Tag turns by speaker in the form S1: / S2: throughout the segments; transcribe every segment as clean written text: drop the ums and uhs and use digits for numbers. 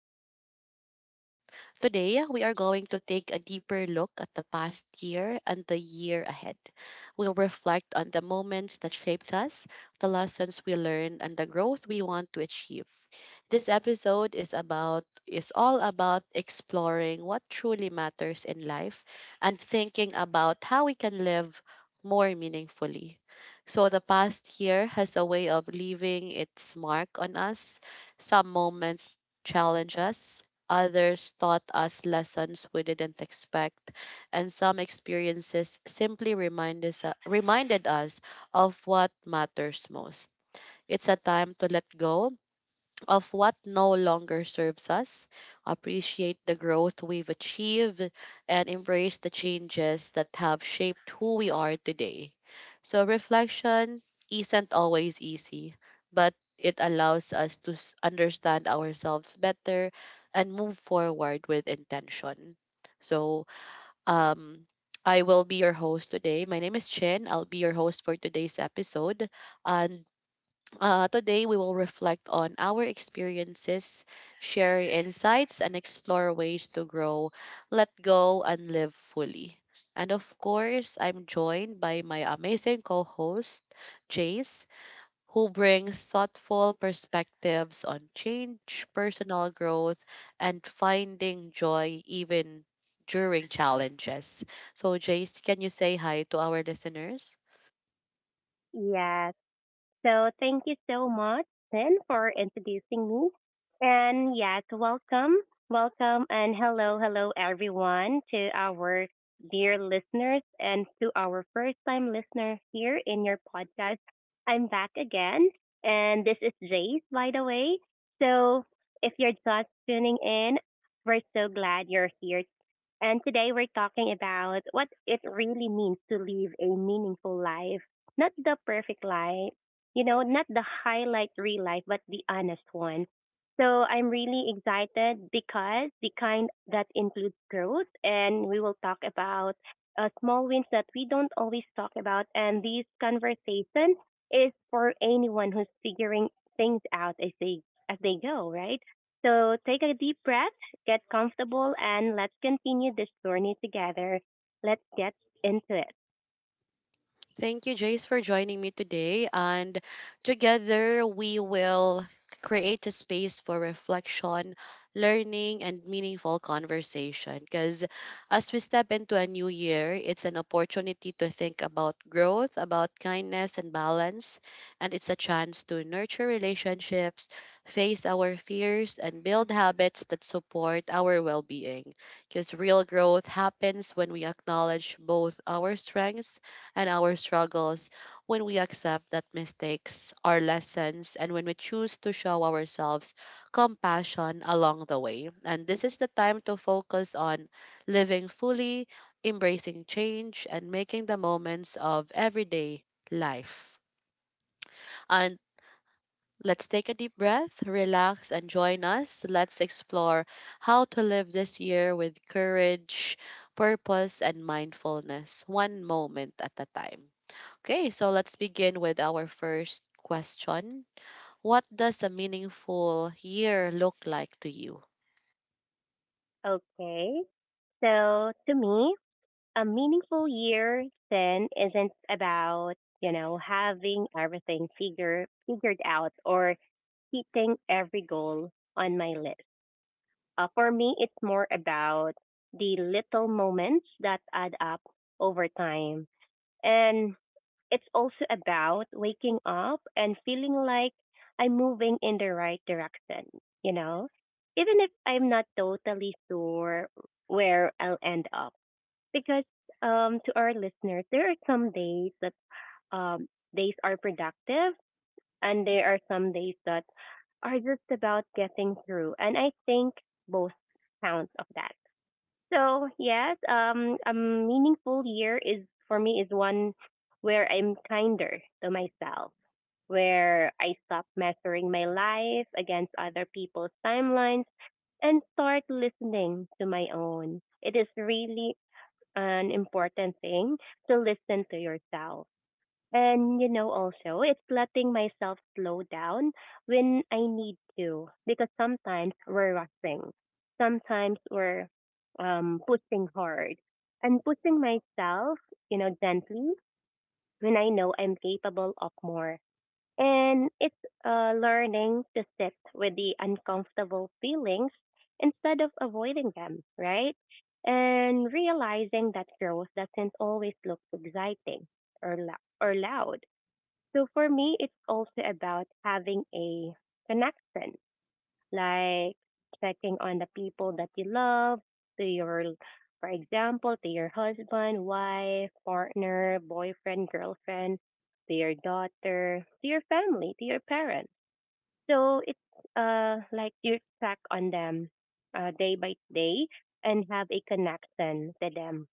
S1: to our podcast. Today, we are going to take a deeper look at the past year and the year ahead. We'll reflect on the moments that shaped us, the lessons we learned, and the growth we want to achieve. This episode is all about exploring what truly matters in life and thinking about how we can live more meaningfully. So the past year has a way of leaving its mark on us, some moments challenge us, others taught us lessons we didn't expect, and some experiences simply reminded us of what matters most. It's a time to let go of what no longer serves us, appreciate the growth we've achieved, and embrace the changes that have shaped who we are today. So, reflection isn't always easy, but it allows us to understand ourselves better and move forward with intention. So, um, I will be your host today. My name is Chen. I'll be your host for today's episode. And today, we will reflect on our experiences, share insights, and explore ways to grow, let go, and live fully. And of course, I'm joined by my amazing co host, Jace, who brings thoughtful perspectives on change, personal growth, and finding joy even during challenges. So, Jace, can you say hi to our listeners?
S2: Yes, so thank you so much, Sin, for introducing me. And yes, welcome, welcome, and hello, hello, everyone, to our dear listeners and to our first time listener here in your podcast. I'm back again, and this is Jace, by the way. So if you're just tuning in, we're so glad you're here. And today we're talking about what it really means to live a meaningful life, not the perfect life, you know, not the highlight real life, but the honest one. So I'm really excited because the kind that includes growth, and we will talk about small wins that we don't always talk about. And these conversations is for anyone who's figuring things out as they go, right? So take a deep breath, get comfortable, and let's continue this journey together. Let's get into it.
S1: Thank you, Jace, for joining me today. And together we will create a space for reflection, learning, and meaningful conversation. Because as we step into a new year, it's an opportunity to think about growth, about kindness and balance. And it's a chance to nurture relationships, face our fears, and build habits that support our well being. Because real growth happens when we acknowledge both our strengths and our struggles, when we accept that mistakes are lessons, and when we choose to show ourselves compassion along the way. And this is the time to focus on living fully, embracing change, and making the moments of everyday life. And let's take a deep breath, relax, and join us. Let's explore how to live this year with courage, purpose, and mindfulness, one moment at a time. Okay, so let's begin with our first question. What does a meaningful year look like to you?
S2: Okay. So to me, a meaningful year then isn't about, you know, having everything figured out or hitting every goal on my list. For me, it's more about the little moments that add up over time. And it's also about waking up and feeling like I'm moving in the right direction, you know? Even if I'm not totally sure where I'll end up because to our listeners, there are some days that um, days are productive, and there are some days that are just about getting through. And I think both counts of that. So yes, a meaningful year is for me is one where I'm kinder to myself, where I stop measuring my life against other people's timelines and start listening to my own. It is really an important thing to listen to yourself. And you know, also, it's letting myself slow down when I need to because sometimes we're rushing, sometimes we're pushing hard and pushing myself, you know, gently when I know I'm capable of more. And it's learning to sit with the uncomfortable feelings instead of avoiding them, right? And realizing that growth doesn't always look exciting or loud. So for me, it's also about having a connection, like checking on the people that you love, to your, for example, to your husband, wife, partner, boyfriend, girlfriend, to your daughter, to your family, to your parents. So it's like you check on them day by day and have a connection to them,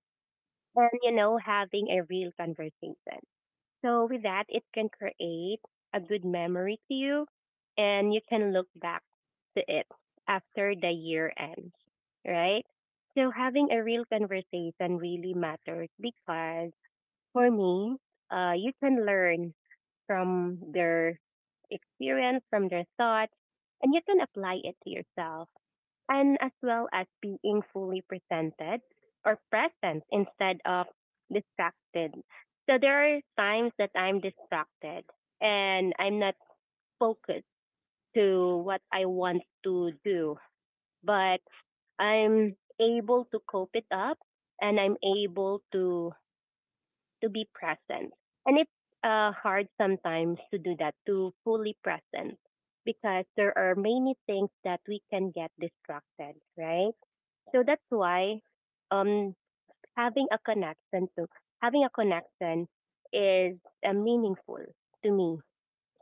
S2: and you know, having a real conversation. So with that, it can create a good memory to you and you can look back to it after the year ends, right? So having a real conversation really matters because for me, you can learn from their experience, from their thoughts, and you can apply it to yourself, and as well as being fully presented or present instead of distracted. So there are times that I'm distracted and I'm not focused to what I want to do, but I'm able to cope it up and I'm able to be present. And it's hard sometimes to do that, to fully present, because there are many things that we can get distracted, right? So that's why um, having a connection so having a connection is meaningful to me.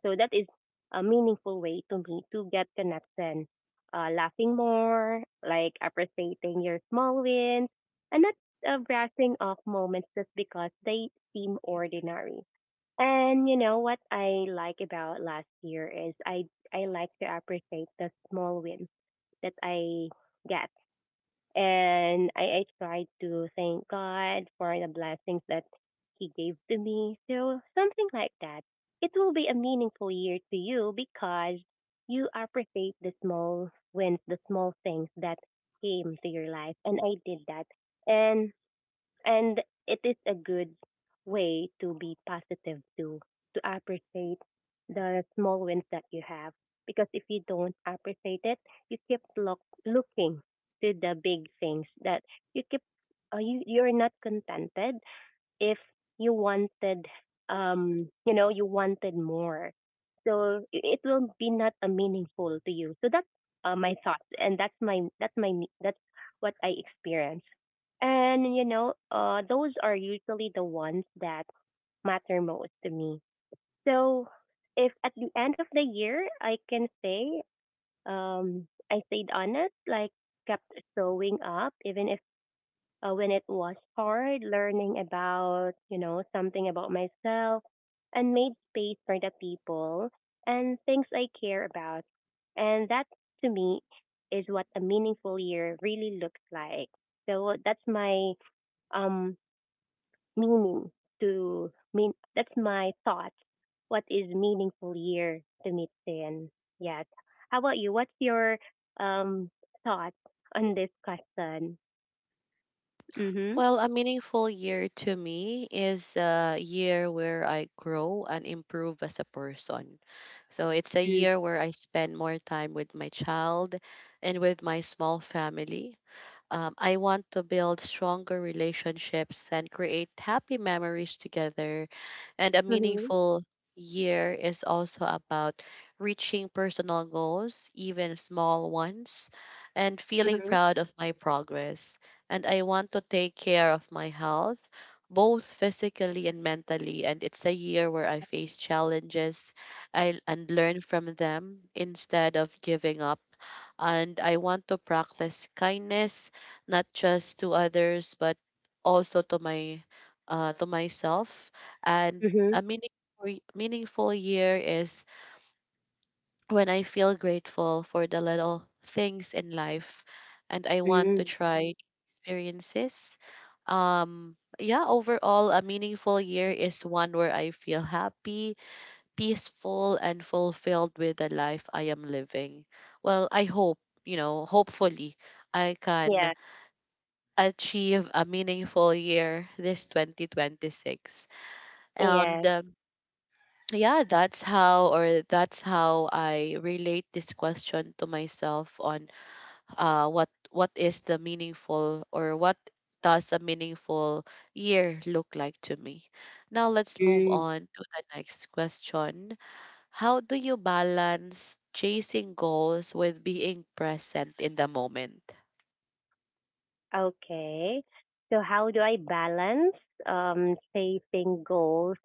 S2: So that is a meaningful way to me to get connection. Laughing more, like appreciating your small wins, and not brushing off moments just because they seem ordinary. And you know what I like about last year is I like to appreciate the small wins that I get, and I tried to thank God for the blessings that He gave to me. So, something like that. It will be a meaningful year to you because you appreciate the small wins, the small things that came to your life. And I did that. And and it is a good way to be positive too, to appreciate the small wins that you have. Because if you don't appreciate it, you keep looking to the big things that you keep, you're not contented if you wanted, you know, you wanted more, so it will be not a meaningful to you. So that's my thoughts, and that's what I experience. And you know, those are usually the ones that matter most to me. So if at the end of the year I can say, I stayed honest, like kept showing up even if, when it was hard, learning about, you know, something about myself and made space for the people and things I care about. And that, to me, is what a meaningful year really looks like. So that's my um meaning to mean that's my thought. What is meaningful year to me then? Yes. How about you? What's your um thought on this question? Mm-hmm.
S1: Well, a meaningful year to me is a year where I grow and improve as a person. So it's a year where I spend more time with my child and with my small family. I want to build stronger relationships and create happy memories together. And a
S2: Mm-hmm.
S1: meaningful year is also about reaching personal goals, even small ones, and feeling
S2: Mhm.
S1: proud of my progress. And I want to take care of my health, both physically and mentally. And it's a year where I face challenges, and learn from them instead of giving up. And I want to practice kindness, not just to others, but also to my to myself. And
S2: Mhm.
S1: a meaningful year is when I feel grateful for the little things in life and I want to
S2: Mm.
S1: try experiences. Yeah, overall, a meaningful year is one where I feel happy, peaceful, and fulfilled with the life I am living. Well, I hope, you know, hopefully I
S2: Yeah.
S1: can achieve a meaningful year this 2026. And
S2: Yes.
S1: yeah, that's how I relate this question to myself on what is the meaningful, or what does a meaningful year look like to me. Now let's move
S2: Mm.
S1: on to the next question. How do you balance chasing goals with being present in the moment?
S2: Okay. So how do I balance facing goals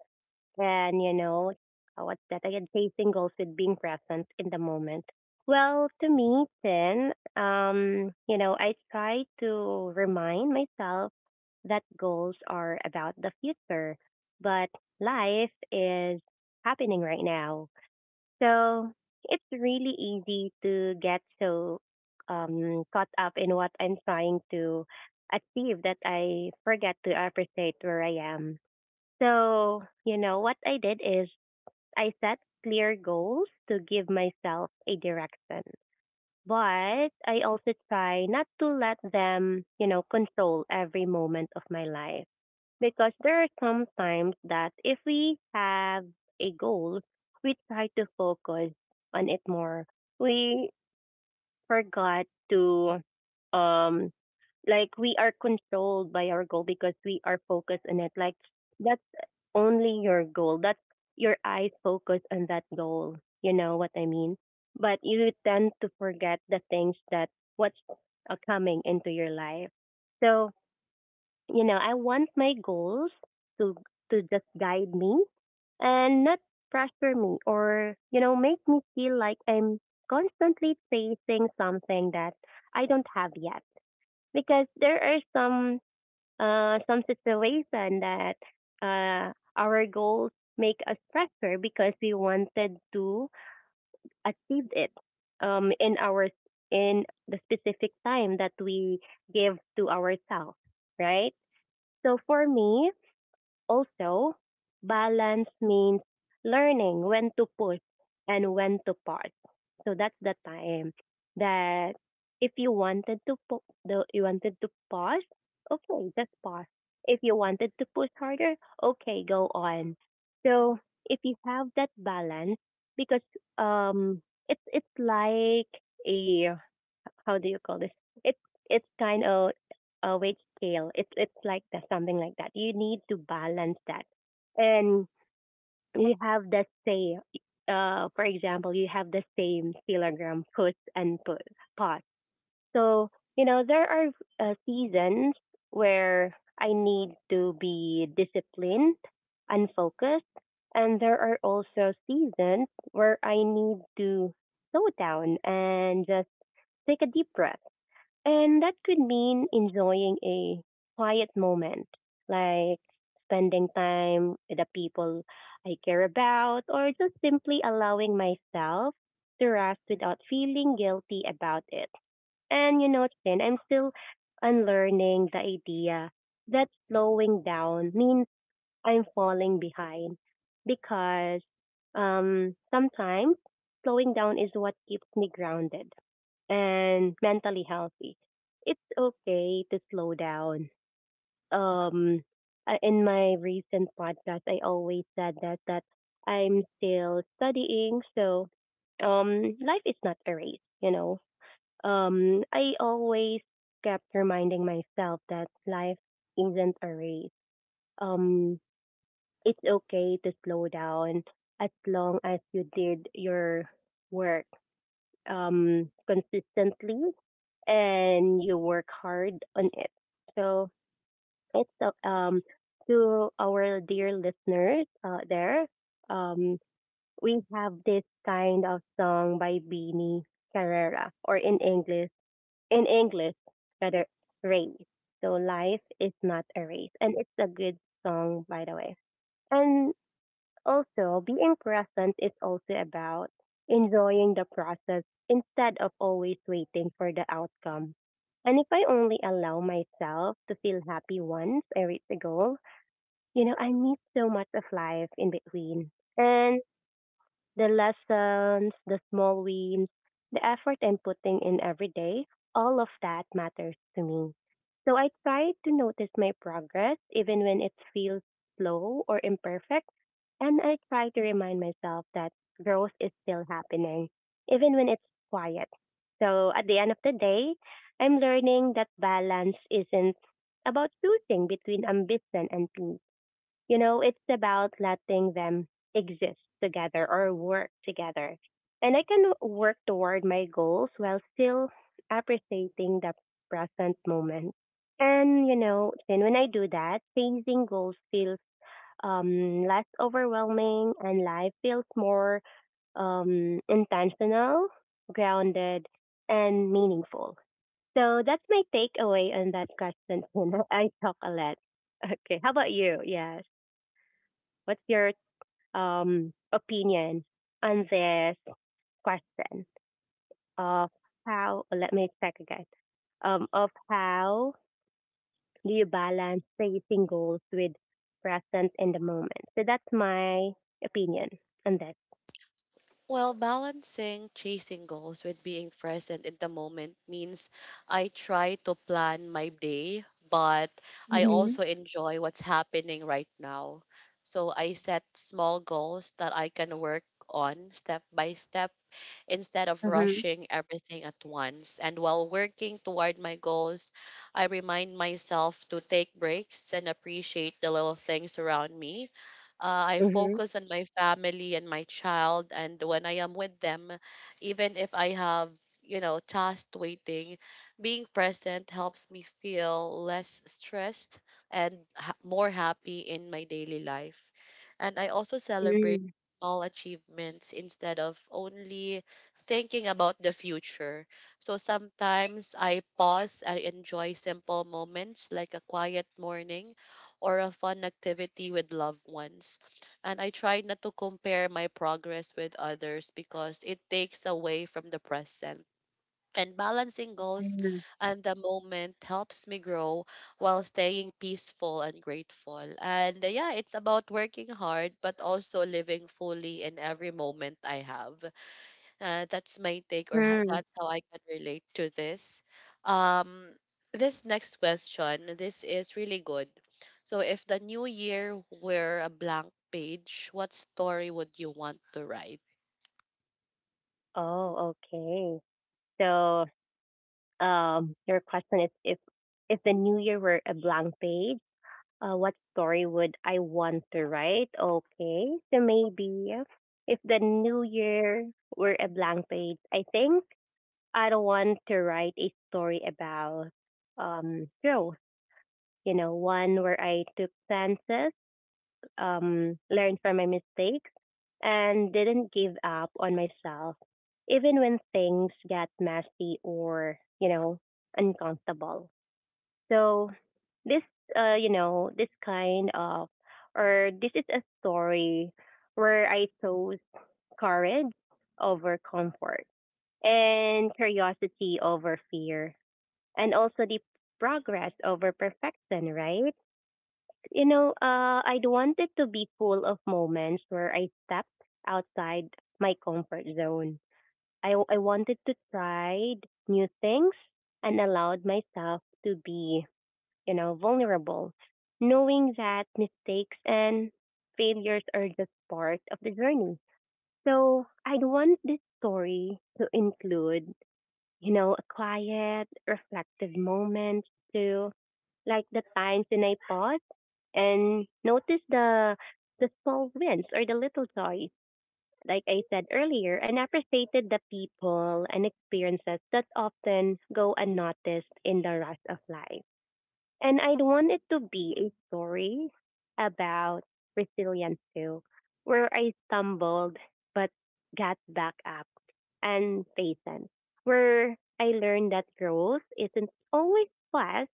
S2: and you know, what's that again, facing goals with being present in the moment? Well, to me, then you know, I try to remind myself that goals are about the future, but life is happening right now. So it's really easy to get so caught up in what I'm trying to achieve that I forget to appreciate where I am. So, you know, what I did is I set clear goals to give myself a direction. But I also try not to let them, you know, control every moment of my life, because there are some times that if we have a goal, we try to focus on it more. We forgot to, um like, we are controlled by our goal because we are focused on it. Like, that's only your goal. That's your eyes focus on that goal. You know what I mean? But you tend to forget the things that what's coming into your life. So you know, I want my goals to just guide me and not pressure me or, you know, make me feel like I'm constantly chasing something that I don't have yet. Because there are some situation that our goals make us pressure because we wanted to achieve it um in our in the specific time that we give to ourselves, right? So for me, also, balance means learning when to push and when to pause. So that's the time that if you wanted to pu- the you wanted to pause, okay, just pause. If you wanted to push harder, okay, go on. So if you have that balance, because um, it's like a, how do you call this? It's it's kind of a weight scale. It's like that, something like that. You need to balance that, and you have the same. For example, you have the same kilogram push and pull pot. So you know there are seasons where I need to be disciplined and focused, and there are also seasons where I need to slow down and just take a deep breath, and that could mean enjoying a quiet moment, like spending time with the people I care about, or just simply allowing myself to rest without feeling guilty about it. And you know, Chin, I'm still unlearning the idea that slowing down means I'm falling behind, because sometimes slowing down is what keeps me grounded and mentally healthy. It's okay to slow down. Um, in my recent podcast, I always said that I'm still studying, so life is not a race. You know, I always kept reminding myself that life isn't a race. Um, it's okay to slow down as long as you did your work consistently and you work hard on it. So it's to our dear listeners there. Um, we have this kind of song by Beanie Carrera, or in English, in English rather, race. So life is not a race, and it's a good song, by the way. And also, being present is also about enjoying the process instead of always waiting for the outcome. And if I only allow myself to feel happy once I reach the goal, you know, I miss so much of life in between. And the lessons, the small wins, the effort I'm putting in every day, all of that matters to me. So I try to notice my progress even when it feels slow or imperfect. And I try to remind myself that growth is still happening, even when it's quiet. So at the end of the day, I'm learning that balance isn't about choosing between ambition and peace. You know, it's about letting them exist together or work together. And I can work toward my goals while still appreciating the present moment. And, you know, then when I do that, changing goals feels less overwhelming and life feels more intentional, grounded, and meaningful. So that's my takeaway on that question. Tina. I talk a lot. Okay, how about you? Yes. What's your opinion on this question of how, let me check again, of how do you balance facing goals with presence in the moment? So that's my opinion on that.
S1: Well, balancing chasing goals with being present in the moment means I try to plan my day, but I
S2: Mm-hmm.
S1: also enjoy what's happening right now. So I set small goals that I can work on step by step instead of
S2: Mm-hmm.
S1: rushing everything at once. And while working toward my goals, I remind myself to take breaks and appreciate the little things around me. I
S2: Hmm.
S1: focus on my family and my child, and when I am with them, even if I have, you know, tasks waiting, being present helps me feel less stressed and more happy in my daily life. And I also celebrate
S2: Mm-hmm.
S1: small achievements instead of only thinking about the future. So sometimes I pause, I enjoy simple moments like a quiet morning or a fun activity with loved ones. And I try not to compare my progress with others because it takes away from the present. And balancing goals and the moment helps me grow while staying peaceful and grateful. And yeah, it's about working hard, but also living fully in every moment I have. That's my take, or ho-
S2: Mm-hmm.
S1: That's how I can relate to this. Um, this next question, this is really good. So, if the new year were a blank page, what story would you want to write?
S2: Oh, okay. So your question is if the new year were a blank page, what story would I want to write? Okay, so maybe if the new year were a blank page, I think I'd want to write a story about growth. You know, one where I took chances, learned from my mistakes, and didn't give up on myself, even when things got messy or uncomfortable. So this you know, this kind of, or this is a story where I chose courage over comfort, and curiosity over fear, and also the progress over perfection, right? You know, I'd want to be full of moments where I stepped outside my comfort zone. I wanted to try new things and allowed myself to be, you know, vulnerable, knowing that mistakes and failures are just part of the journey. So I'd want this story to include, you know, a quiet, reflective moment to, like, the times when I pause and notice the small wins or the little joys. Like I said earlier, and appreciated the people and experiences that often go unnoticed in the rush of life. And I'd want it to be a story about resilience too, where I stumbled but got back up and patient, where I learned that growth isn't always fast,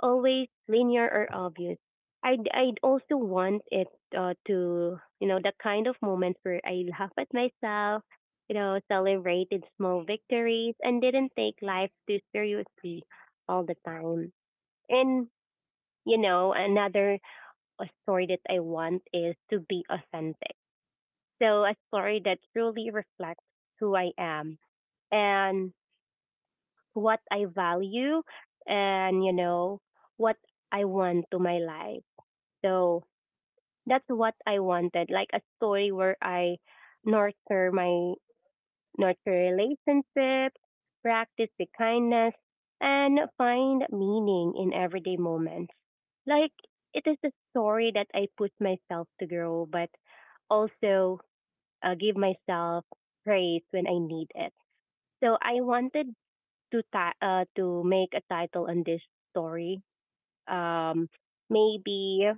S2: always linear or obvious. I'd also want it to, you know, the kind of moments where I laugh at myself, you know, celebrated small victories and didn't take life too seriously all the time. And you know, another story that I want is to be authentic. So a story that truly reflects who I am and what I value and, you know, what I want to my life. So that's what I wanted, like a story where I nurture my nurture relationships, practice the kindness, and find meaning in everyday moments. Like, it is a story that I push myself to grow, but also give myself praise when I need it. So I wanted to to make a title on this story. Um, maybe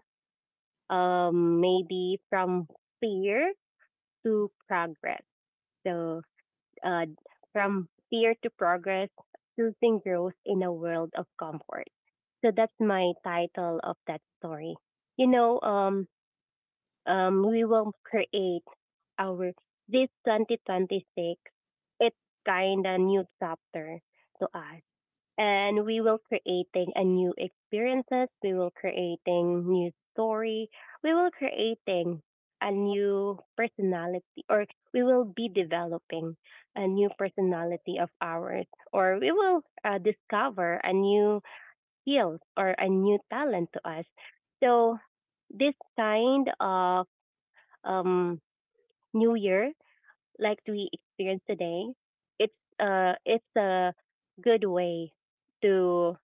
S2: maybe from fear to progress. So uh, from fear to progress, choosing growth in a world of comfort. So that's my title of that story. You know, we will create our this 2026. It's kind of new chapter to us, and we will creating a new experiences. We will creating new story. We will creating a new personality, or we will be developing a new personality of ours, or we will discover a new skills or a new talent to us. So this kind of um, new year, like we experience today, it's it's a good way to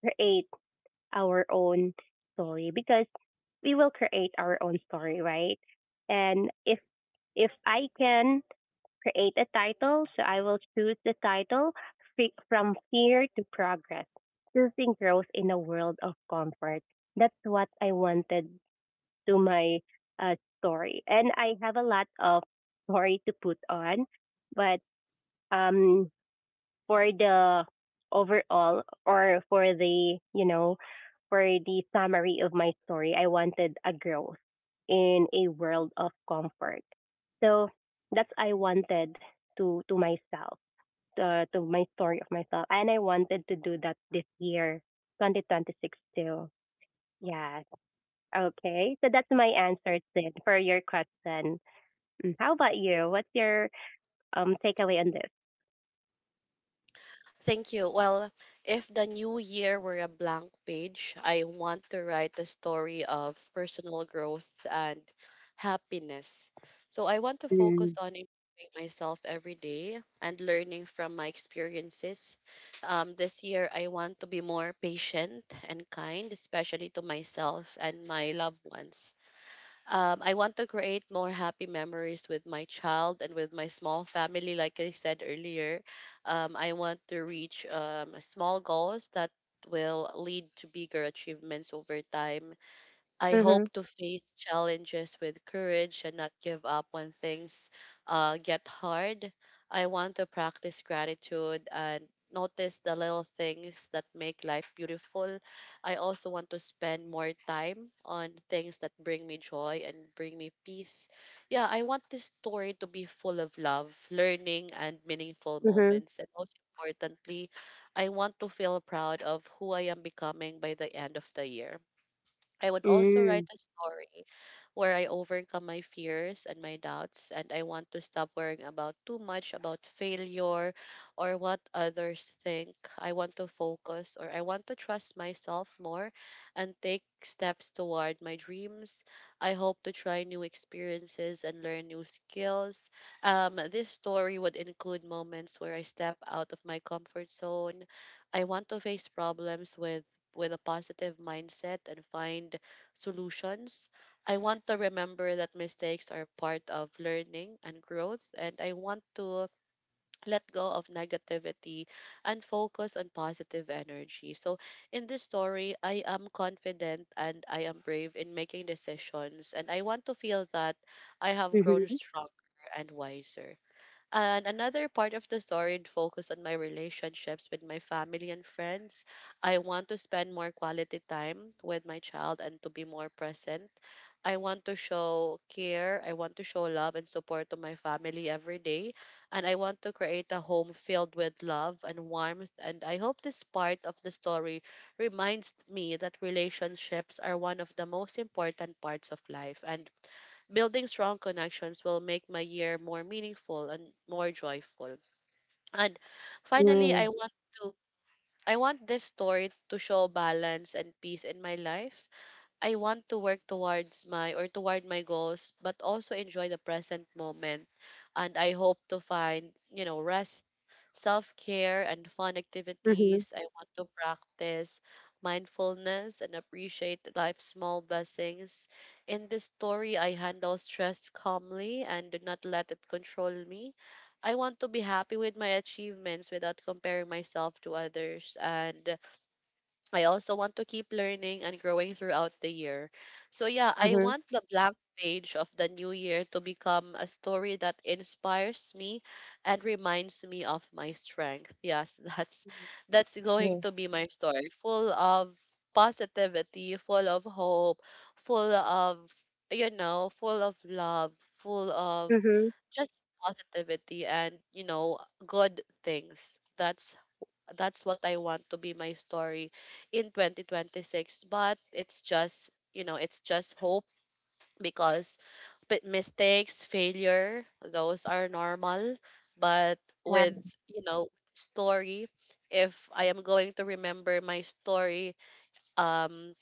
S2: create our own story, because we will create our own story, right? And if I can create a title, so I will choose the title, from fear to progress, choosing growth in a world of comfort. That's what I wanted to my story, and I have a lot of story to put on, but um for the overall, or for the, you know, for the summary of my story, I wanted a growth in a world of comfort. So that's I wanted to myself, to my story of myself, and I wanted to do that this year, 2026 too. Yes. Okay. So that's my answer, Sid, for your question. Mm. How about you? What's your takeaway on this?
S1: Thank you. Well, if the new year were a blank page, I want to write a story of personal growth and happiness. So I want to
S2: Mm.
S1: focus on improving myself every day and learning from my experiences. This year, I want to be more patient and kind, especially to myself and my loved ones. I want to create more happy memories with my child and with my small family. Like I said earlier, I want to reach small goals that will lead to bigger achievements over time. I
S2: Mhm.
S1: hope to face challenges with courage and not give up when things get hard. I want to practice gratitude and notice the little things that make life beautiful. I also want to spend more time on things that bring me joy and bring me peace. Yeah, I want this story to be full of love, learning, and meaningful
S2: Mhm.
S1: moments. And most importantly, I want to feel proud of who I am becoming by the end of the year. I would also write
S2: Mm.
S1: a story where I overcome my fears and my doubts, and I want to stop worrying about too much about failure or what others think. I want to focus or I want to trust myself more and take steps toward my dreams. I hope to try new experiences and learn new skills. This story would include moments where I step out of my comfort zone. I want to face problems with a positive mindset and find solutions. I want to remember that mistakes are part of learning and growth, and I want to let go of negativity and focus on positive energy. So in this story, I am confident and I am brave in making decisions, and I want to feel that I have grown
S2: Mhm.
S1: stronger and wiser. And another part of the story focused on my relationships with my family and friends. I want to spend more quality time with my child and to be more present. I want to show care, I want to show love and support to my family every day, and I want to create a home filled with love and warmth. And I hope this part of the story reminds me that relationships are one of the most important parts of life, and building strong connections will make my year more meaningful and more joyful. And finally,
S2: Mm.
S1: to I want this story to show balance and peace in my life. I want to work toward my goals, but also enjoy the present moment. And I hope to find, you know, rest, self care, and fun
S2: Mhm.
S1: activities. I want to practice mindfulness and appreciate life's small blessings. In this story, I handle stress calmly and do not let it control me. I want to be happy with my achievements without comparing myself to others. And I also want to keep learning and growing throughout the year. So yeah, I
S2: Mhm.
S1: want the blank page of the new year to become a story that inspires me and reminds me of my strength. Yes, that's going
S2: Mhm.
S1: to be my story. Full of positivity, full of hope, full of you know, full of love, full of
S2: Mhm.
S1: just positivity and you know, good things. That's what I want to be my story in 2026. But it's just, you know, it's just hope because mistakes, failure, those are normal. But
S2: Right.
S1: with, you know, story, if I am going to remember my story, um,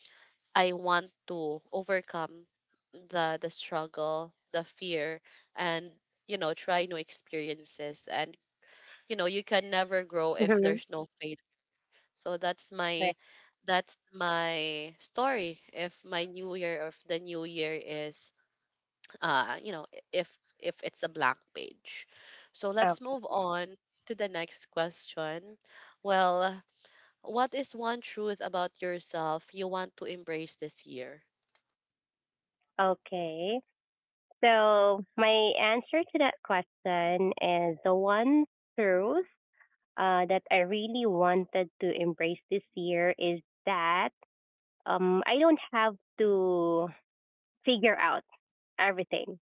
S1: I want to overcome the struggle, the fear, and you know, try new experiences. And you know, you can never grow if
S2: Mhm.
S1: there's no failure, so that's
S2: Right.
S1: my that's my story. If my new year, or if the new year is, if if it's a blank page. So let's
S2: Okay.
S1: move on to the next question. Well, what is one truth about yourself you want to embrace this year?
S2: Okay. So my answer to that question is the one truth that I really wanted to embrace this year is that I don't have to figure out everything,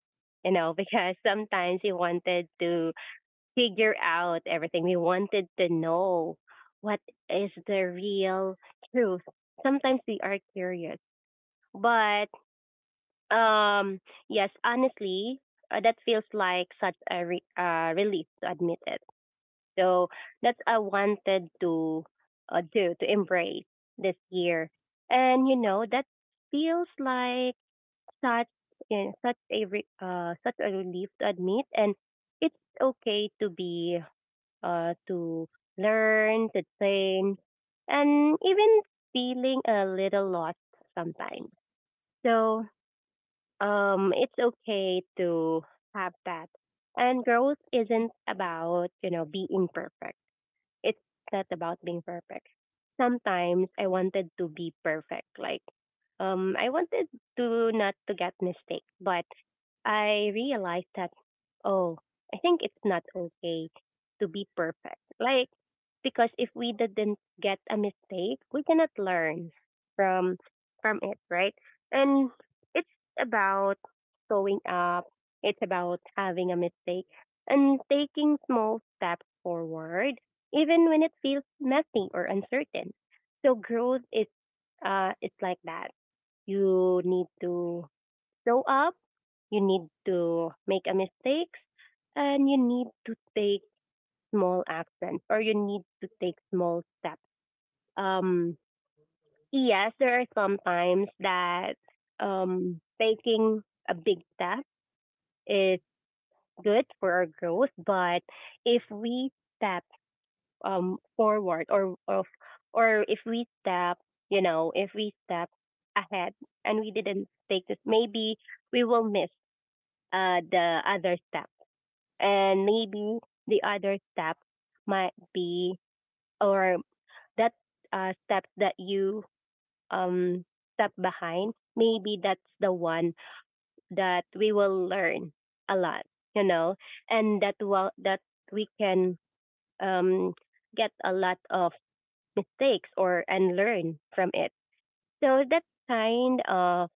S2: you know, because sometimes you wanted to figure out everything. We wanted to know what is the real truth. Sometimes we are curious, but um, yes, honestly, that feels like such a relief to admit it. So that's I wanted to do to embrace this year, and you know that feels like such, you know, such a such a relief to admit, and it's okay to be to learn, to train, and even feeling a little lost sometimes. So it's okay to have that. And growth isn't about, you know, being perfect. It's not about being perfect. Sometimes I wanted to be perfect. Like, I wanted to not to get mistakes, but I realized that, oh, I think it's not okay to be perfect. Like, because if we didn't get a mistake, we cannot learn from from it, right? And it's about showing up. It's about having a mistake and taking small steps forward, even when it feels messy or uncertain. So growth is it's like that. You need to show up, you need to make a mistakes, and you need to take small action, or you need to take small steps. Um, yes, there are some times that taking a big step is good for our growth, but if we step forward, or if we step, you know, if we step ahead and we didn't take this, maybe we will miss the other step, and maybe the other step might be, or that step that you um step behind, maybe that's the one that we will learn a lot, you know, and that will, that we can um get a lot of mistakes or and learn from it. So that kind of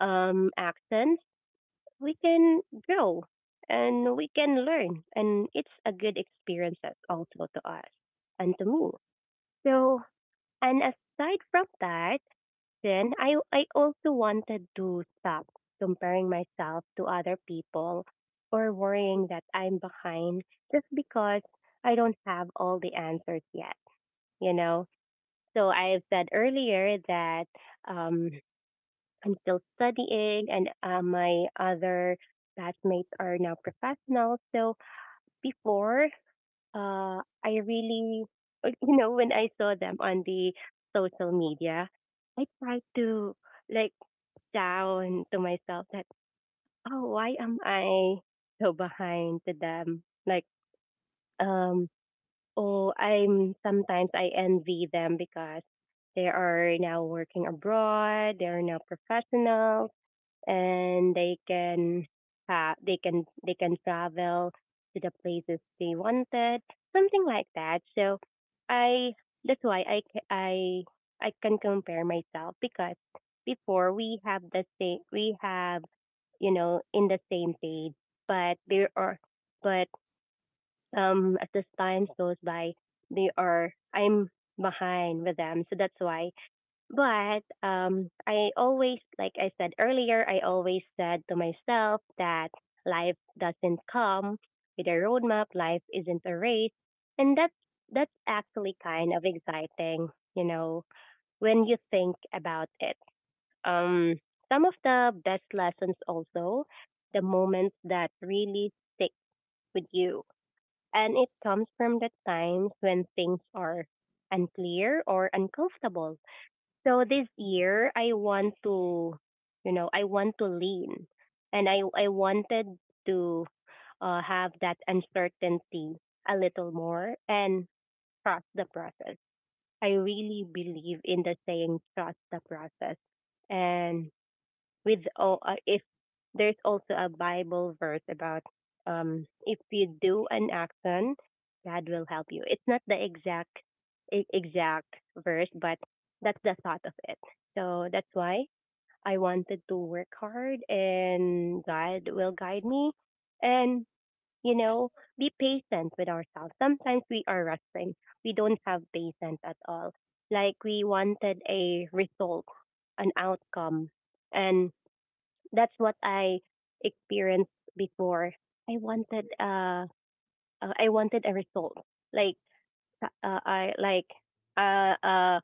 S2: actions, we can grow and we can learn. And it's a good experience as- also to us and to me. So, and aside from that, then I also wanted to stop comparing myself to other people, or worrying that I'm behind just because I don't have all the answers yet, you know? So I've said earlier that um, I'm still studying, and my other batchmates are now professionals. So before, I really, you know, when I saw them on the social media, I tried to like down to myself that, oh, why am I so behind to them? Like, um, oh, I'm sometimes I envy them because they are now working abroad, they are now professionals, and they can have, they can travel to the places they wanted, something like that. So I, that's why I can compare myself because before we have the same, we have, you know, in the same page, but there are but as the time goes by, they are I'm behind with them. So that's why, but I always, like I said earlier, I always said to myself that life doesn't come with a roadmap. Life isn't a race, and that's actually kind of exciting, you know, when you think about it. Um, some of the best lessons also, the moments that really stick with you, and it comes from the times when things are unclear or uncomfortable. So this year I want to, you know, I want to lean, and I wanted to have that uncertainty a little more and trust the process. I really believe in the saying, trust the process. And with all, if there's also a Bible verse about if you do an action, God will help you. It's not the exact exact verse, but that's the thought of it. So that's why I wanted to work hard, and God will guide me. And, you know, be patient with ourselves. Sometimes we are rushing. We don't have patience at all. Like, we wanted a result, an outcome, and that's what I experienced before. I wanted uh I wanted a result. Like I like, uh uh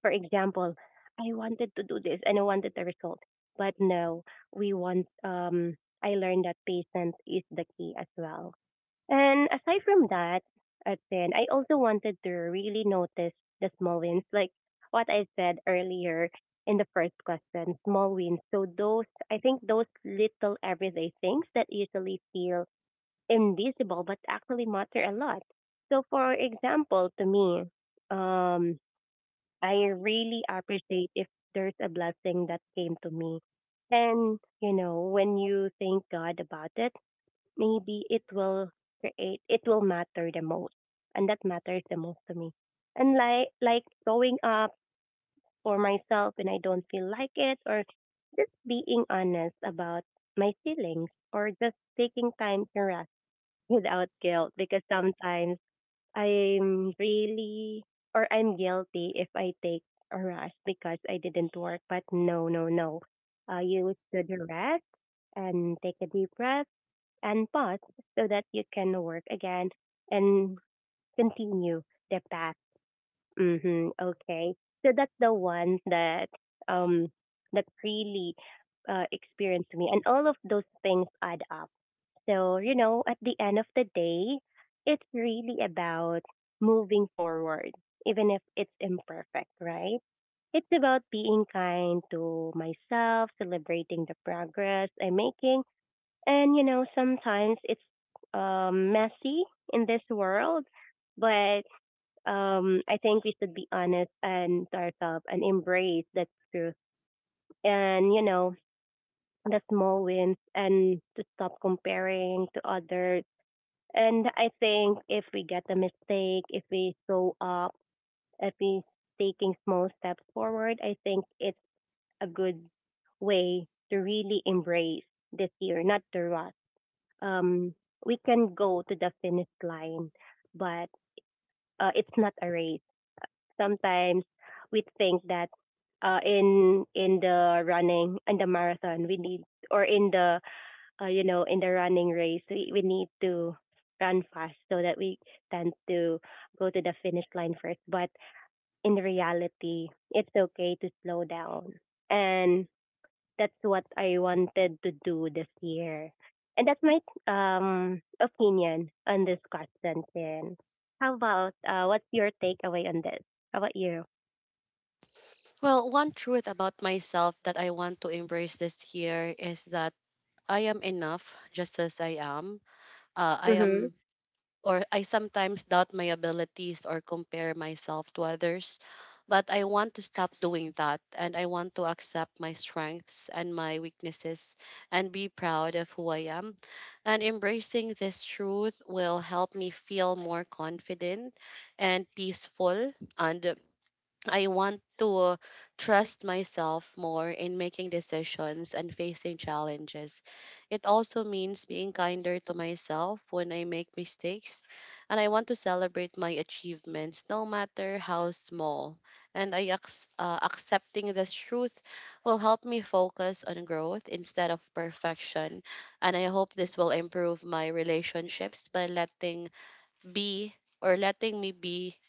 S2: for example, I wanted to do this and I wanted a result. But no, we want I learned that patience is the key as well. And aside from that, at 10, I also wanted to really notice the small wins, like what I said earlier in the first question, small wins. So those, I think those little everyday things that usually feel invisible but actually matter a lot. So, for example, to me, um, I really appreciate if there's a blessing that came to me. And, you know, when you thank God about it, maybe it will create it will matter the most and that matters the most to me and like showing up for myself when I don't feel like it, or just being honest about my feelings, or just taking time to rest without guilt, because sometimes I'm really, or I'm guilty if I take a rest because I didn't work. But no, no, no, you should rest and take a deep breath and pause so that you can work again and continue the path. Mm-hmm. Okay. So that's the one that um that really experienced me, and all of those things add up. So, you know, at the end of the day, it's really about moving forward, even if it's imperfect, right? It's about being kind to myself, celebrating the progress I'm making, and, you know, sometimes it's messy in this world, but I think we should be honest and start up and embrace that truth. And, you know, the small wins and to stop comparing to others. And I think if we get a mistake, if we show up, if we taking small steps forward, I think it's a good way to really embrace this year, not to rush. um, we can go to the finish line, but it's not a race. Sometimes we think that in the running in the marathon we need, or in the you know, in the running race we need to run fast so that we tend to go to the finish line first. But in reality, it's okay to slow down, and that's what I wanted to do this year. And that's my opinion on this question, Tin. How about what's your takeaway on this? How about you?
S1: Well, one truth about myself that I want to embrace this year is that I am enough just as I am. I
S2: Mhm.
S1: am or I sometimes doubt my abilities or compare myself to others. But I want to stop doing that and I want to accept my strengths and my weaknesses and be proud of who I am. And embracing this truth will help me feel more confident and peaceful, and I want to trust myself more in making decisions and facing challenges. It also means being kinder to myself when I make mistakes, and I want to celebrate my achievements no matter how small. Accepting this truth will help me focus on growth instead of perfection. And I hope this will improve my relationships by be letting me be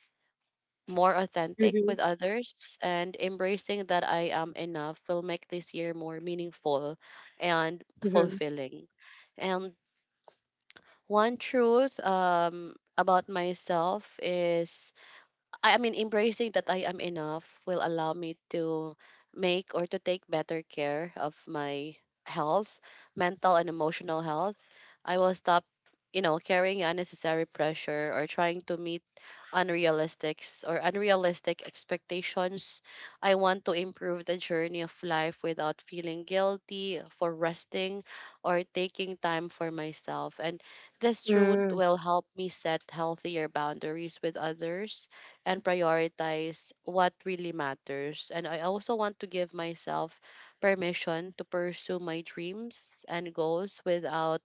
S1: more authentic
S2: Mhm.
S1: with others, and embracing that I am enough will make this year more meaningful and
S2: Mhm.
S1: fulfilling. And one truth about myself is I mean, embracing that I am enough will allow me to make or to take better care of my health, mental and emotional health. I will stop, carrying unnecessary pressure or trying to meet unrealistic unrealistic expectations. I want to improve the journey of life without feeling guilty for resting or taking time for myself. And this truth
S2: Mm.
S1: will help me set healthier boundaries with others and prioritize what really matters. And I also want to give myself permission to pursue my dreams and goals without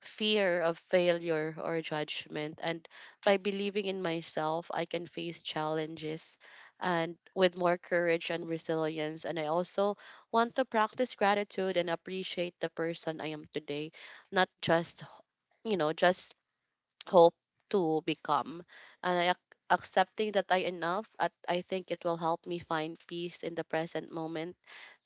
S1: fear of failure or judgment. And by believing in myself, I can face challenges and with more courage and resilience. And I also want to practice gratitude and appreciate the person I am today, not just hope to become. And I ac- accepting that I enough, at, I think it will help me find peace in the present moment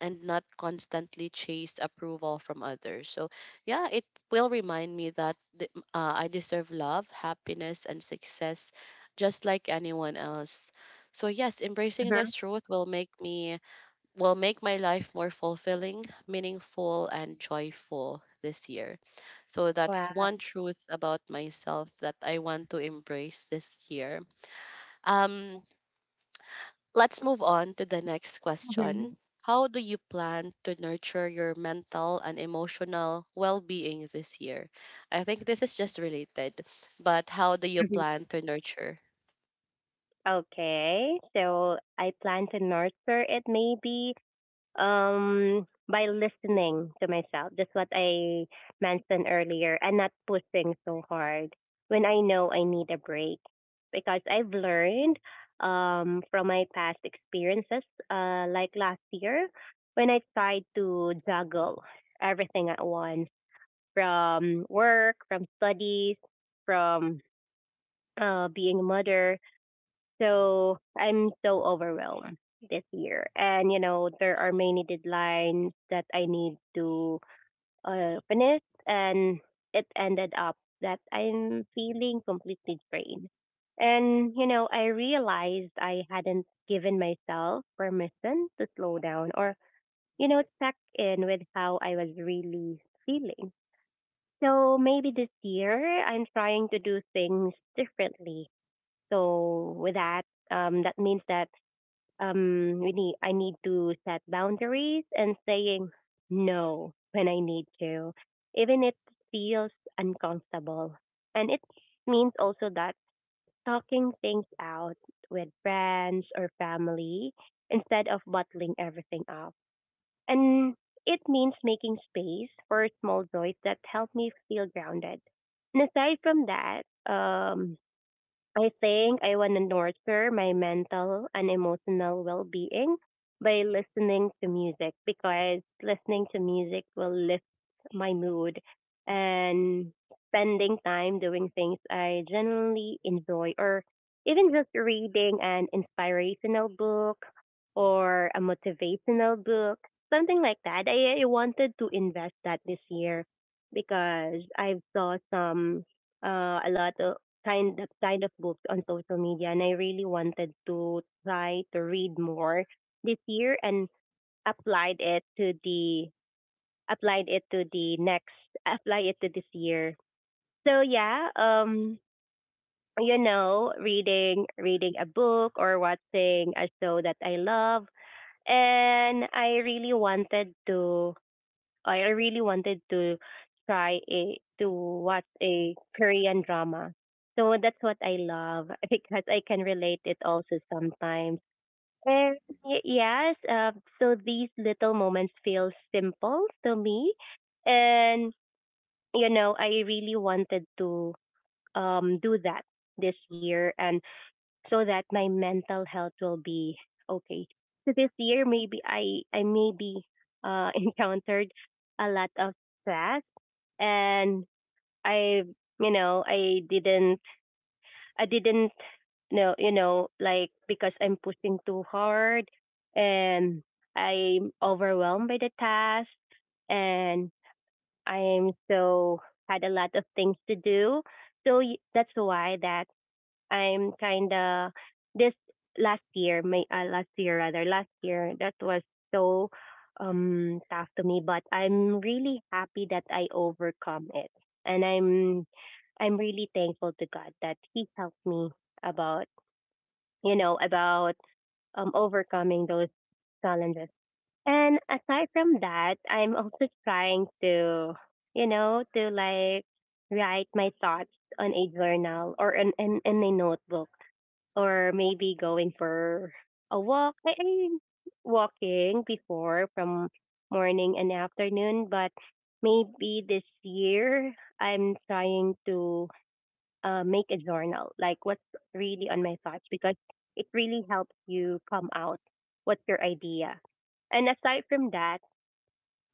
S1: and not constantly chase approval from others. So, yeah, it will remind me that I deserve love, happiness, and success just like anyone else. So, yes, embracing
S2: Uh-huh.
S1: this truth will make me will make my life more fulfilling, meaningful, and joyful this year. So that's
S2: Wow.
S1: one truth about myself that I want to embrace this year. Um, let's move on to the next
S2: Mhm.
S1: question. How do you plan to nurture your mental and emotional well being this year? I think this is just related, but how do you
S2: Mhm.
S1: plan to nurture?
S2: Okay. So I plan to nurture it maybe by listening to myself, just what I mentioned earlier, and not pushing so hard when I know I need a break, because I've learned from my past experiences, like last year when I tried to juggle everything at once, from work, from studies, from being a mother. So I'm so overwhelmed this year. And, you know, there are many deadlines that I need to finish. And it ended up that I'm feeling completely drained. And, you know, I realized I hadn't given myself permission to slow down or, you know, check in with how I was really feeling. So maybe this year I'm trying to do things differently. So with that, that means that we need I need to set boundaries and saying no when I need to, even if it feels uncomfortable. And it means also that talking things out with friends or family instead of bottling everything up. And it means making space for small joys that help me feel grounded. And aside from that, um, I think I want to nurture my mental and emotional well being by listening to music, because listening to music will lift my mood, and spending time doing things I genuinely enjoy, or even just reading an inspirational book or a motivational book, something like that. I wanted to invest that this year because I saw some a lot of kind of books on social media, and I really wanted to try to read more this year, and applied it to the applied it to the next apply it to this year. So yeah, you know, reading a book or watching a show that I love, and I really wanted to try a to watch a Korean drama. So that's what I love because I can relate it also sometimes. And yes, so these little moments feel simple to me, and you know I really wanted to do that this year, and so that my mental health will be okay. So this year maybe I maybe encountered a lot of stress, and I, you know, I didn't know, you know, like because I'm pushing too hard, and I'm overwhelmed by the task, and I'm so had a lot of things to do. So that's why that I'm kind of this last year my last year rather last year that was so tough to me, but I'm really happy that I overcome it, and I'm really thankful to God that He helped me about, you know, about overcoming those challenges. And aside from that, I'm also trying to, you know, to like write my thoughts on a journal or in a notebook, or maybe going for a walk. I'm walking before from morning and afternoon, but maybe this year I'm trying to make a journal, like what's really on my thoughts, because it really helps you come out what's your idea. And aside from that,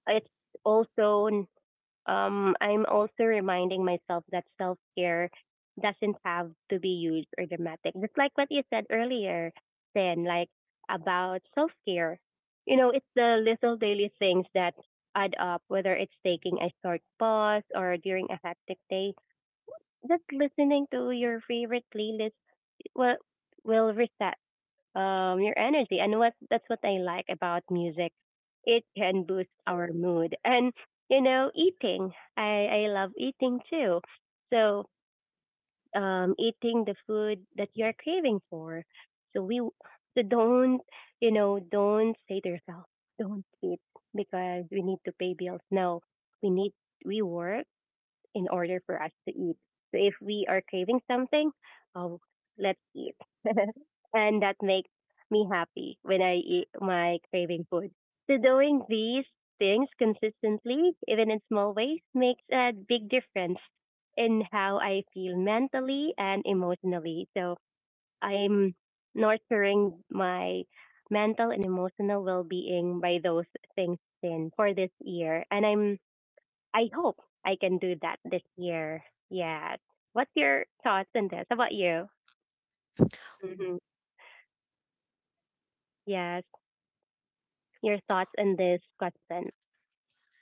S2: it's also I'm also reminding myself that self care doesn't have to be huge or dramatic. Just like what you said earlier, then like about self care. You know, it's the little daily things that add up, whether it's taking a short pause or during a hectic day, just listening to your favorite playlist will reset your energy, and what that's what I like about music. It can boost our mood. And you know, eating. I love eating too. So eating the food that you're craving for. So we so don't, you know, don't say to yourself don't eat because we need to pay bills. No, we need we work in order for us to eat. So if we are craving something, oh, let's eat. And that makes me happy when I eat my craving food. So doing these things consistently, even in small ways, makes a big difference in how I feel mentally and emotionally. So I'm nurturing my mental and emotional well being by those things in for this year. And I hope I can do that this year. Yeah. What's your thoughts on this? How about you? Hmm. Yes. Your thoughts on this question.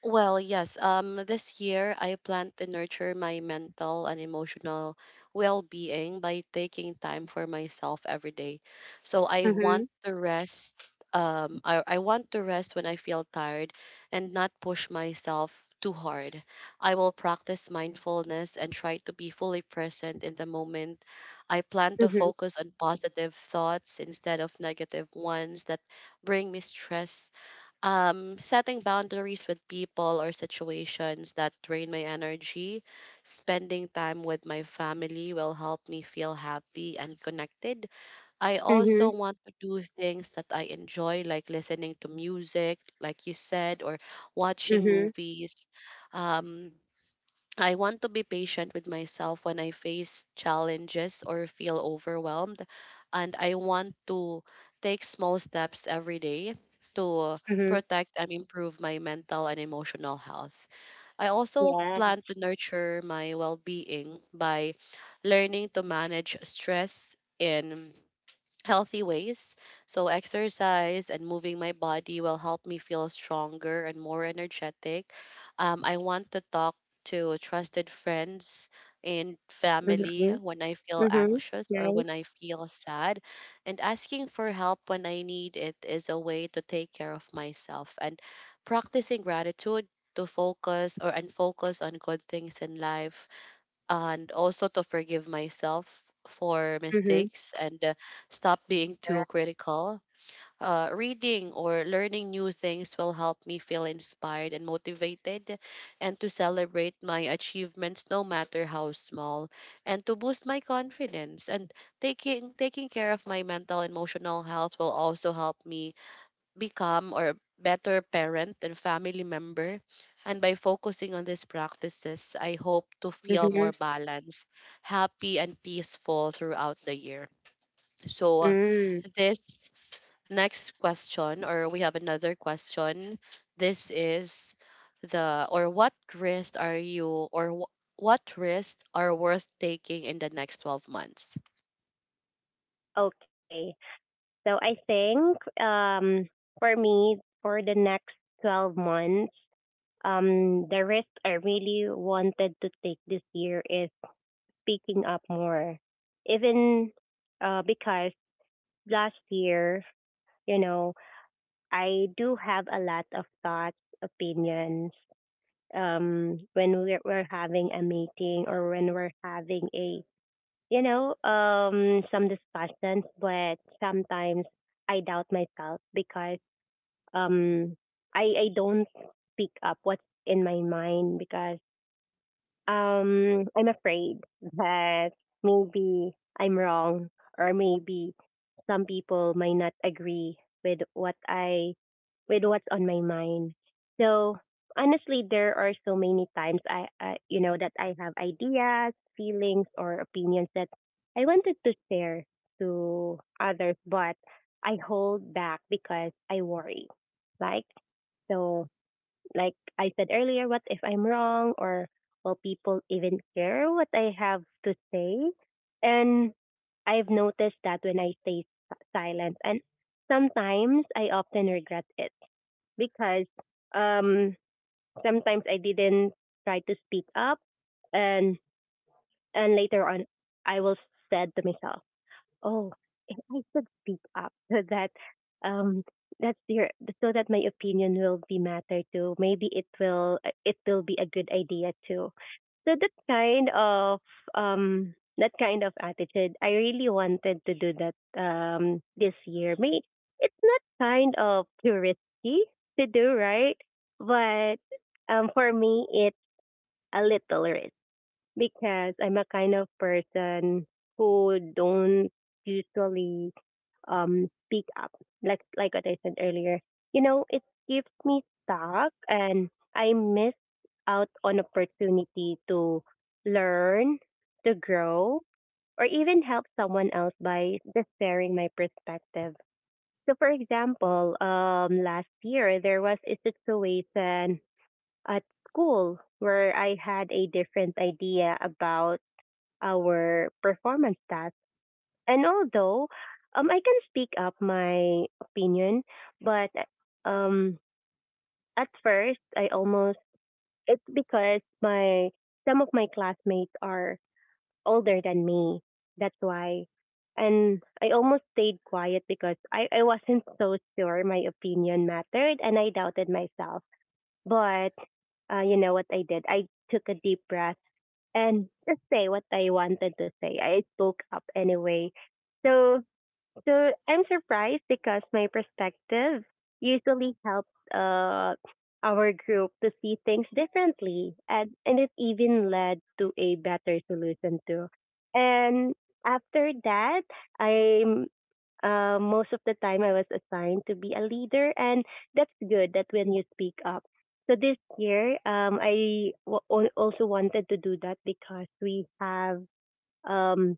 S1: Well, yes. This year I plan to nurture my mental and emotional well-being by taking time for myself every day. So I
S2: Mm-hmm.
S1: want to rest. I want to rest when I feel tired and not push myself too hard. I will practice mindfulness and try to be fully present in the moment. I plan to
S2: Mm-hmm.
S1: focus on positive thoughts instead of negative ones that bring me stress, setting boundaries with people or situations that drain my energy, spending time with my family will help me feel happy and connected. I
S2: Mm-hmm.
S1: also want to do things that I enjoy, like listening to music, like you said, or watching
S2: Mm-hmm.
S1: movies. Um, I want to be patient with myself when I face challenges or feel overwhelmed. And I want to take small steps every day to
S2: Mm-hmm.
S1: protect and improve my mental and emotional health. I also
S2: Yeah.
S1: plan to nurture my well being by learning to manage stress in healthy ways. So, exercise and moving my body will help me feel stronger and more energetic. I want to talk to trusted friends and family
S2: Mm-hmm.
S1: when I feel
S2: Mm-hmm.
S1: anxious or
S2: Nice.
S1: when I feel sad. And asking for help when I need it is a way to take care of myself. And practicing gratitude to focus or and focus on good things in life, and also to forgive myself for
S2: Mm-hmm.
S1: mistakes and stop being too
S2: Correct.
S1: critical. Reading or learning new things will help me feel inspired and motivated, and to celebrate my achievements no matter how small and to boost my confidence, and taking care of my mental and emotional health will also help me become or better parent and family member. And by focusing on these practices, I hope to feel
S2: Mm-hmm.
S1: more balanced, happy, and peaceful throughout the year. So,
S2: Mm.
S1: this next question, or we have another question. This is the, or what risks are what risks are worth taking in the next 12 months?
S2: Okay. So I think for me, for the next 12 months, the risk I really wanted to take this year is picking up more. Even because last year, you know, I do have a lot of thoughts, opinions, when we're having a meeting, or when we're having a, you know, some discussions. But sometimes I doubt myself because um, I don't pick up what's in my mind because I'm afraid that maybe I'm wrong, or maybe some people might not agree with what I, with what's on my mind. So honestly, there are so many times I you know that I have ideas, feelings, or opinions that I wanted to share to others, but I hold back because I worry. Like so, like I said earlier, what if I'm wrong, or will people even care what I have to say? And I've noticed that when I stay silent, and sometimes I often regret it, because um, sometimes I didn't try to speak up, and later on I will said to myself, oh, if I should speak up, so that um that's your so that my opinion will be matter too. Maybe it will be a good idea too. So that kind of attitude, I really wanted to do that this year. May it's not kind of too risky to do, right? But for me it's a little risk, because I'm a kind of person who don't usually speak up, like what I said earlier. You know, it keeps me stuck, and I miss out on opportunity to learn, to grow, or even help someone else by just sharing my perspective. So for example, last year there was a situation at school where I had a different idea about our performance task, and although I can speak up my opinion, but um, at first I almost, it's because my, some of my classmates are older than me. That's why. And I almost stayed quiet because I wasn't so sure my opinion mattered and I doubted myself. But you know what I did? I took a deep breath and just say what I wanted to say. I spoke up anyway. So I'm surprised because my perspective usually helps our group to see things differently, and it even led to a better solution too. And after that, I'm most of the time I was assigned to be a leader, and that's good. That when you speak up. So this year, I also wanted to do that because we have um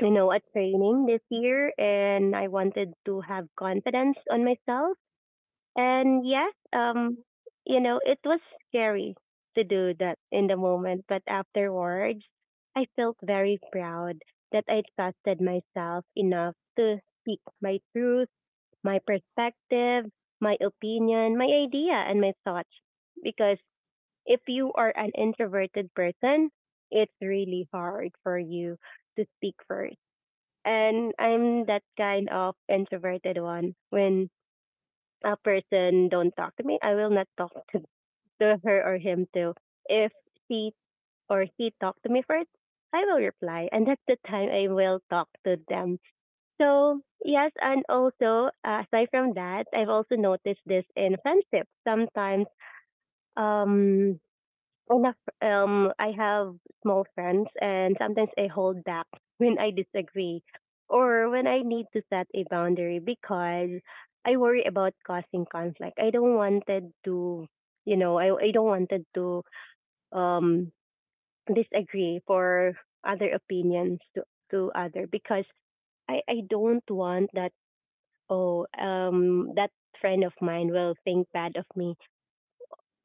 S2: you know, a training this year, and I wanted to have confidence on myself. And yes, you know, it was scary to do that in the moment, but afterwards I felt very proud that I trusted myself enough to speak my truth, my perspective, my opinion, my idea, and my thoughts. Because if you are an introverted person, it's really hard for you to speak first, and I'm that kind of introverted one. When a person don't talk to me, I will not talk to her or him too. If she or he talk to me first, I will reply, and that's the time I will talk to them. So yes, and also aside from that, I've also noticed this in friendship. Sometimes um enough I have small friends and sometimes I hold back when I disagree or when I need to set a boundary because I worry about causing conflict. I don't wanted to I don't wanted to um disagree for other opinions to other, because i don't want that oh that friend of mine will think bad of me.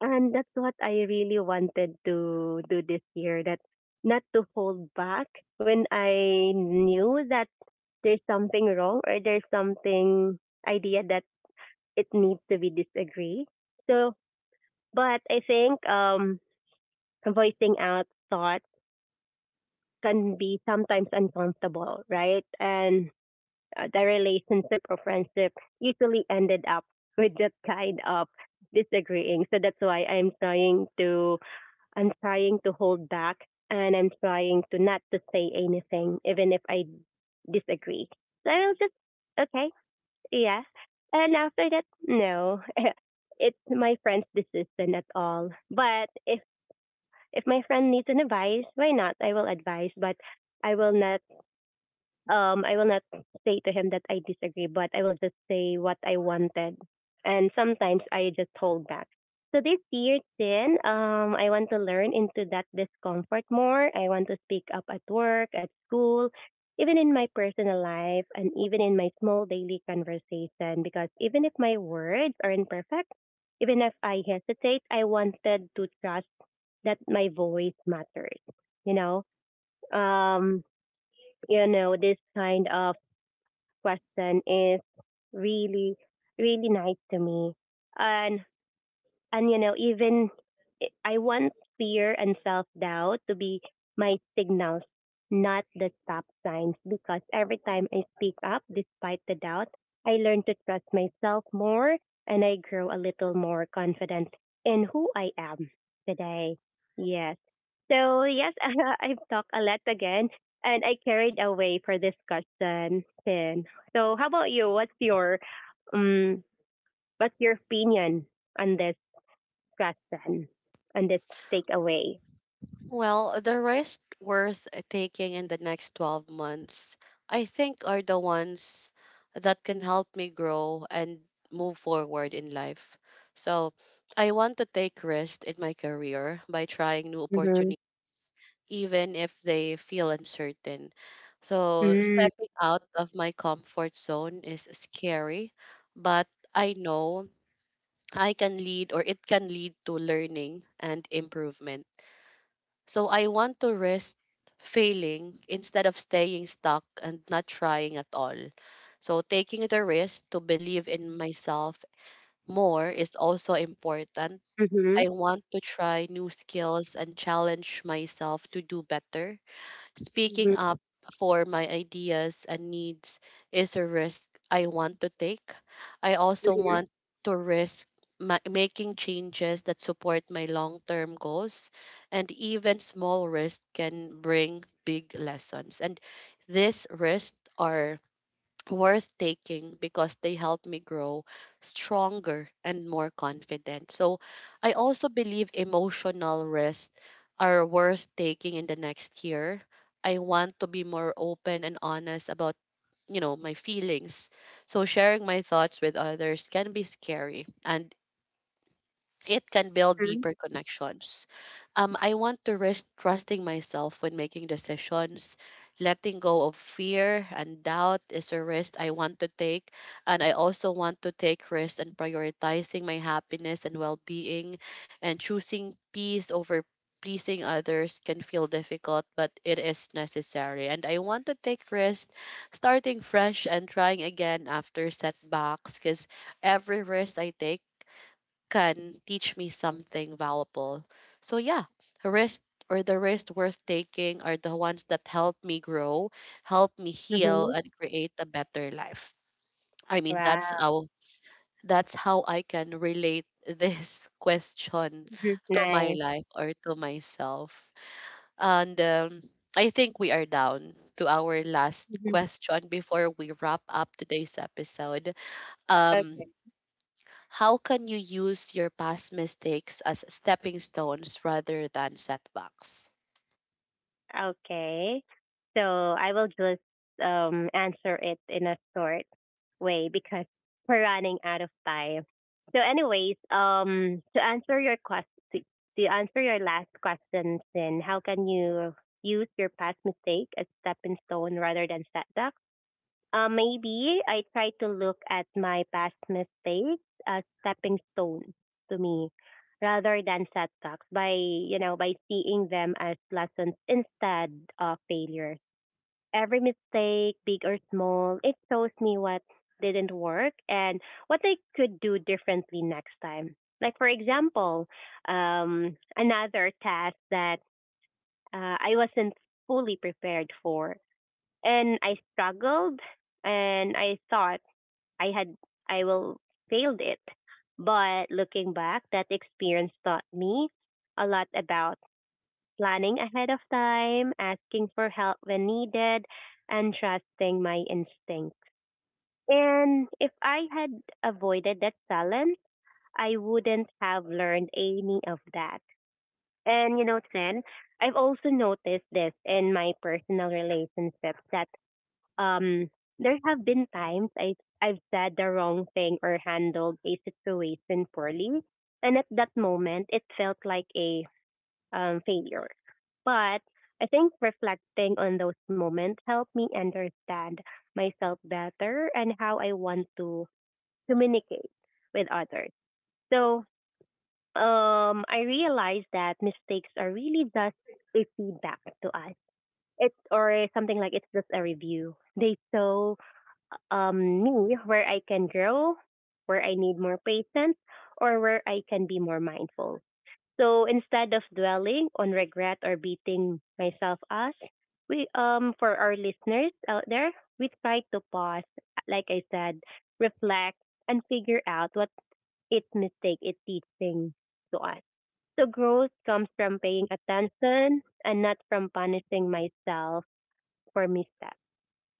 S2: And that's what I really wanted to do this year, that not to hold back when I knew that there's something wrong or there's something idea that it needs to be disagree. So, but I think voicing out thoughts can be sometimes uncomfortable, right? And the relationship or friendship usually ended up with that kind of disagreeing. So that's why I'm trying to hold back, and I'm trying to not to say anything, even if I disagree. So I'll just, okay, yeah. And after that, no, it's my friend's decision at all. But if my friend needs an advice, why not? I will advise, but I will not I will not say to him that I disagree, but I will just say what I wanted. And sometimes I just hold back. So this year, then, I want to learn into that discomfort more. I want to speak up at work, at school, even in my personal life, and even in my small daily conversation. Because even if my words aren't perfect, even if I hesitate, I wanted to trust that my voice matters. You know, um, this kind of question is really, really nice to me. And and you know, even I want fear and self doubt to be my signals, not the stop signs, because every time I speak up despite the doubt, I learn to trust myself more and I grow a little more confident in who I am today. Yes. So, yes, I've talked a lot again and I carried away for this question, Finn. So, how about you? Um, what's your opinion on this Question on this takeaway?
S1: Well, the risk worth taking in the next 12 months, I think, are the ones that can help me grow and move forward in life. So, I want to take risks in my career by trying new
S2: Mm-hmm.
S1: opportunities, even if they feel uncertain. So,
S2: Mm.
S1: stepping out of my comfort zone is scary, but I know I can lead or it can lead to learning and improvement. So I want to risk failing instead of staying stuck and not trying at all. So taking the risk to believe in myself more is also important.
S2: Mm-hmm.
S1: I want to try new skills and challenge myself to do better. Speaking
S2: Mm-hmm.
S1: up for my ideas and needs is a risk I want to take. I also
S2: Mm-hmm.
S1: want to risk making changes that support my long term goals, and even small risks can bring big lessons. And these risks are worth taking because they help me grow stronger and more confident. So I also believe emotional risks are worth taking in the next year. I want to be more open and honest about, my feelings. So sharing my thoughts with others can be scary, and it can build deeper connections. I want to risk trusting myself when making decisions. Letting go of fear and doubt is a risk I want to take. And I also want to take risks and prioritizing my happiness and well being, and choosing peace over pleasing others can feel difficult but it is necessary. And I want to take risks starting fresh and trying again after setbacks, because every risk I take can teach me something valuable. So yeah, risk or the risks worth taking are the ones that help me grow, help me heal,
S2: Mm-hmm.
S1: and create a better life. I mean,
S2: Wow.
S1: that's how I can relate this question
S2: Mhm.
S1: to my
S2: Nice.
S1: life or to myself. And I think we are down to our last
S2: Mm-hmm.
S1: question before we wrap up today's episode. Um,
S2: Okay.
S1: how can you use your past mistakes as stepping stones rather than setbacks?
S2: Okay. So I will just answer it in a short way because we're running out of time. So, anyways, to answer your question, to, to answer your last question, then how can you use your past mistake as stepping stone rather than setback? Maybe I try to look at my past mistakes as stepping stones to me rather than setbacks by, you know, by seeing them as lessons instead of failures. Every mistake, big or small, it shows me what didn't work and what I could do differently next time. Like, for example, another task that I wasn't fully prepared for, and I struggled, and I thought I had I will failed it. But looking back, that experience taught me a lot about planning ahead of time, asking for help when needed, and trusting my instincts. And if I had avoided that challenge, I wouldn't have learned any of that. And you know, Tren, I've also noticed this in my personal relationships that um there have been times I've said the wrong thing or handled a situation poorly, and at that moment it felt like a failure. But I think reflecting on those moments helped me understand myself better and how I want to communicate with others. So I realized that mistakes are really just a feedback to us. It's or something like it's just a review. They show me where I can grow, where I need more patience, or where I can be more mindful. So instead of dwelling on regret or beating myself up, we for our listeners out there, we try to pause, like I said, reflect and figure out what its mistake is teaching to us. So growth comes from paying attention and not from punishing myself for missteps.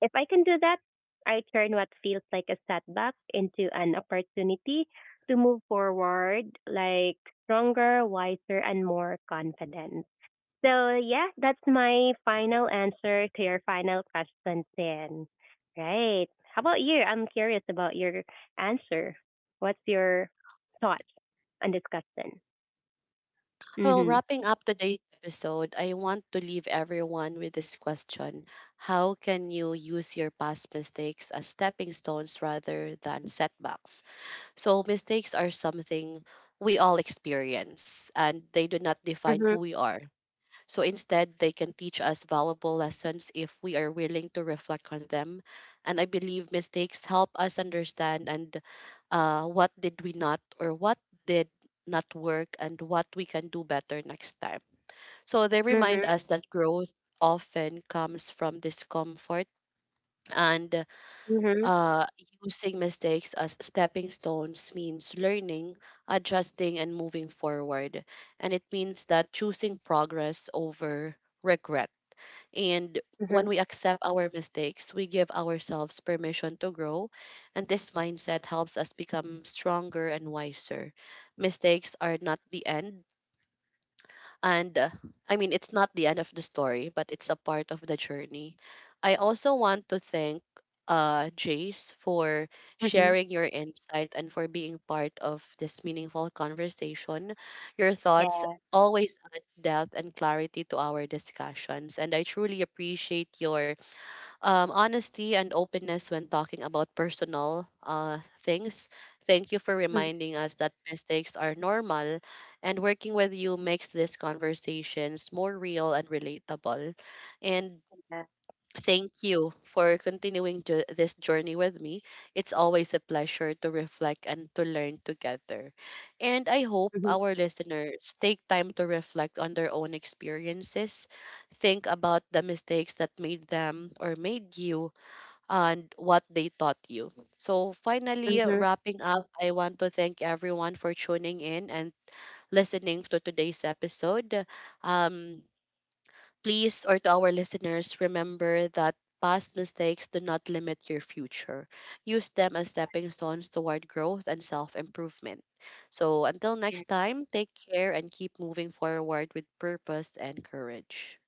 S2: If I can do that, I turn what feels like a setback into an opportunity to move forward, like stronger, wiser, and more confident. So, yeah, that's my final answer to your final question, Sin. Right. How about you? I'm curious about your answer. What's your thoughts on this question? Mm
S1: Well,
S2: hmm.
S1: wrapping up today's episode, I want to leave everyone with this question: how can you use your past mistakes as stepping stones rather than setbacks? So, mistakes are something we all experience and they do not
S2: Mm
S1: define who
S2: hmm.
S1: we are. So instead, they can teach us valuable lessons if we are willing to reflect on them. And I believe mistakes help us understand and what did not work and what we can do better next time. So they
S2: Mm
S1: remind
S2: hmm.
S1: us that growth often comes from discomfort, and
S2: Mm
S1: uh, using mistakes as stepping stones means learning, adjusting, and moving forward. And it means that choosing progress over regret. And
S2: hmm.
S1: when we accept our mistakes, we give ourselves permission to grow. And this mindset helps us become stronger and wiser. Mistakes are not the end, and it's not the end of the story, but it's a part of the journey. I also want to thank Jace for
S2: Mm hmm.
S1: sharing your insight and for being part of this meaningful conversation. Your thoughts
S2: Yeah.
S1: always add depth and clarity to our discussions, and I truly appreciate your honesty and openness when talking about personal things. Thank you for
S2: Mm-hmm.
S1: reminding us that mistakes are normal, and working with you makes these conversations more real and relatable. And
S2: Yeah.
S1: thank you for continuing this journey with me. It's always a pleasure to reflect and to learn together. And I hope
S2: Mm-hmm.
S1: our listeners take time to reflect on their own experiences, think about the mistakes that made them or made you and what they taught you. So, finally,
S2: Mm-hmm.
S1: wrapping up, I want to thank everyone for tuning in and listening to today's episode. Um, please, or To our listeners, remember that past mistakes do not limit your future. Use them as stepping stones toward growth and self improvement. So, until next time, take care and keep moving forward with purpose and courage.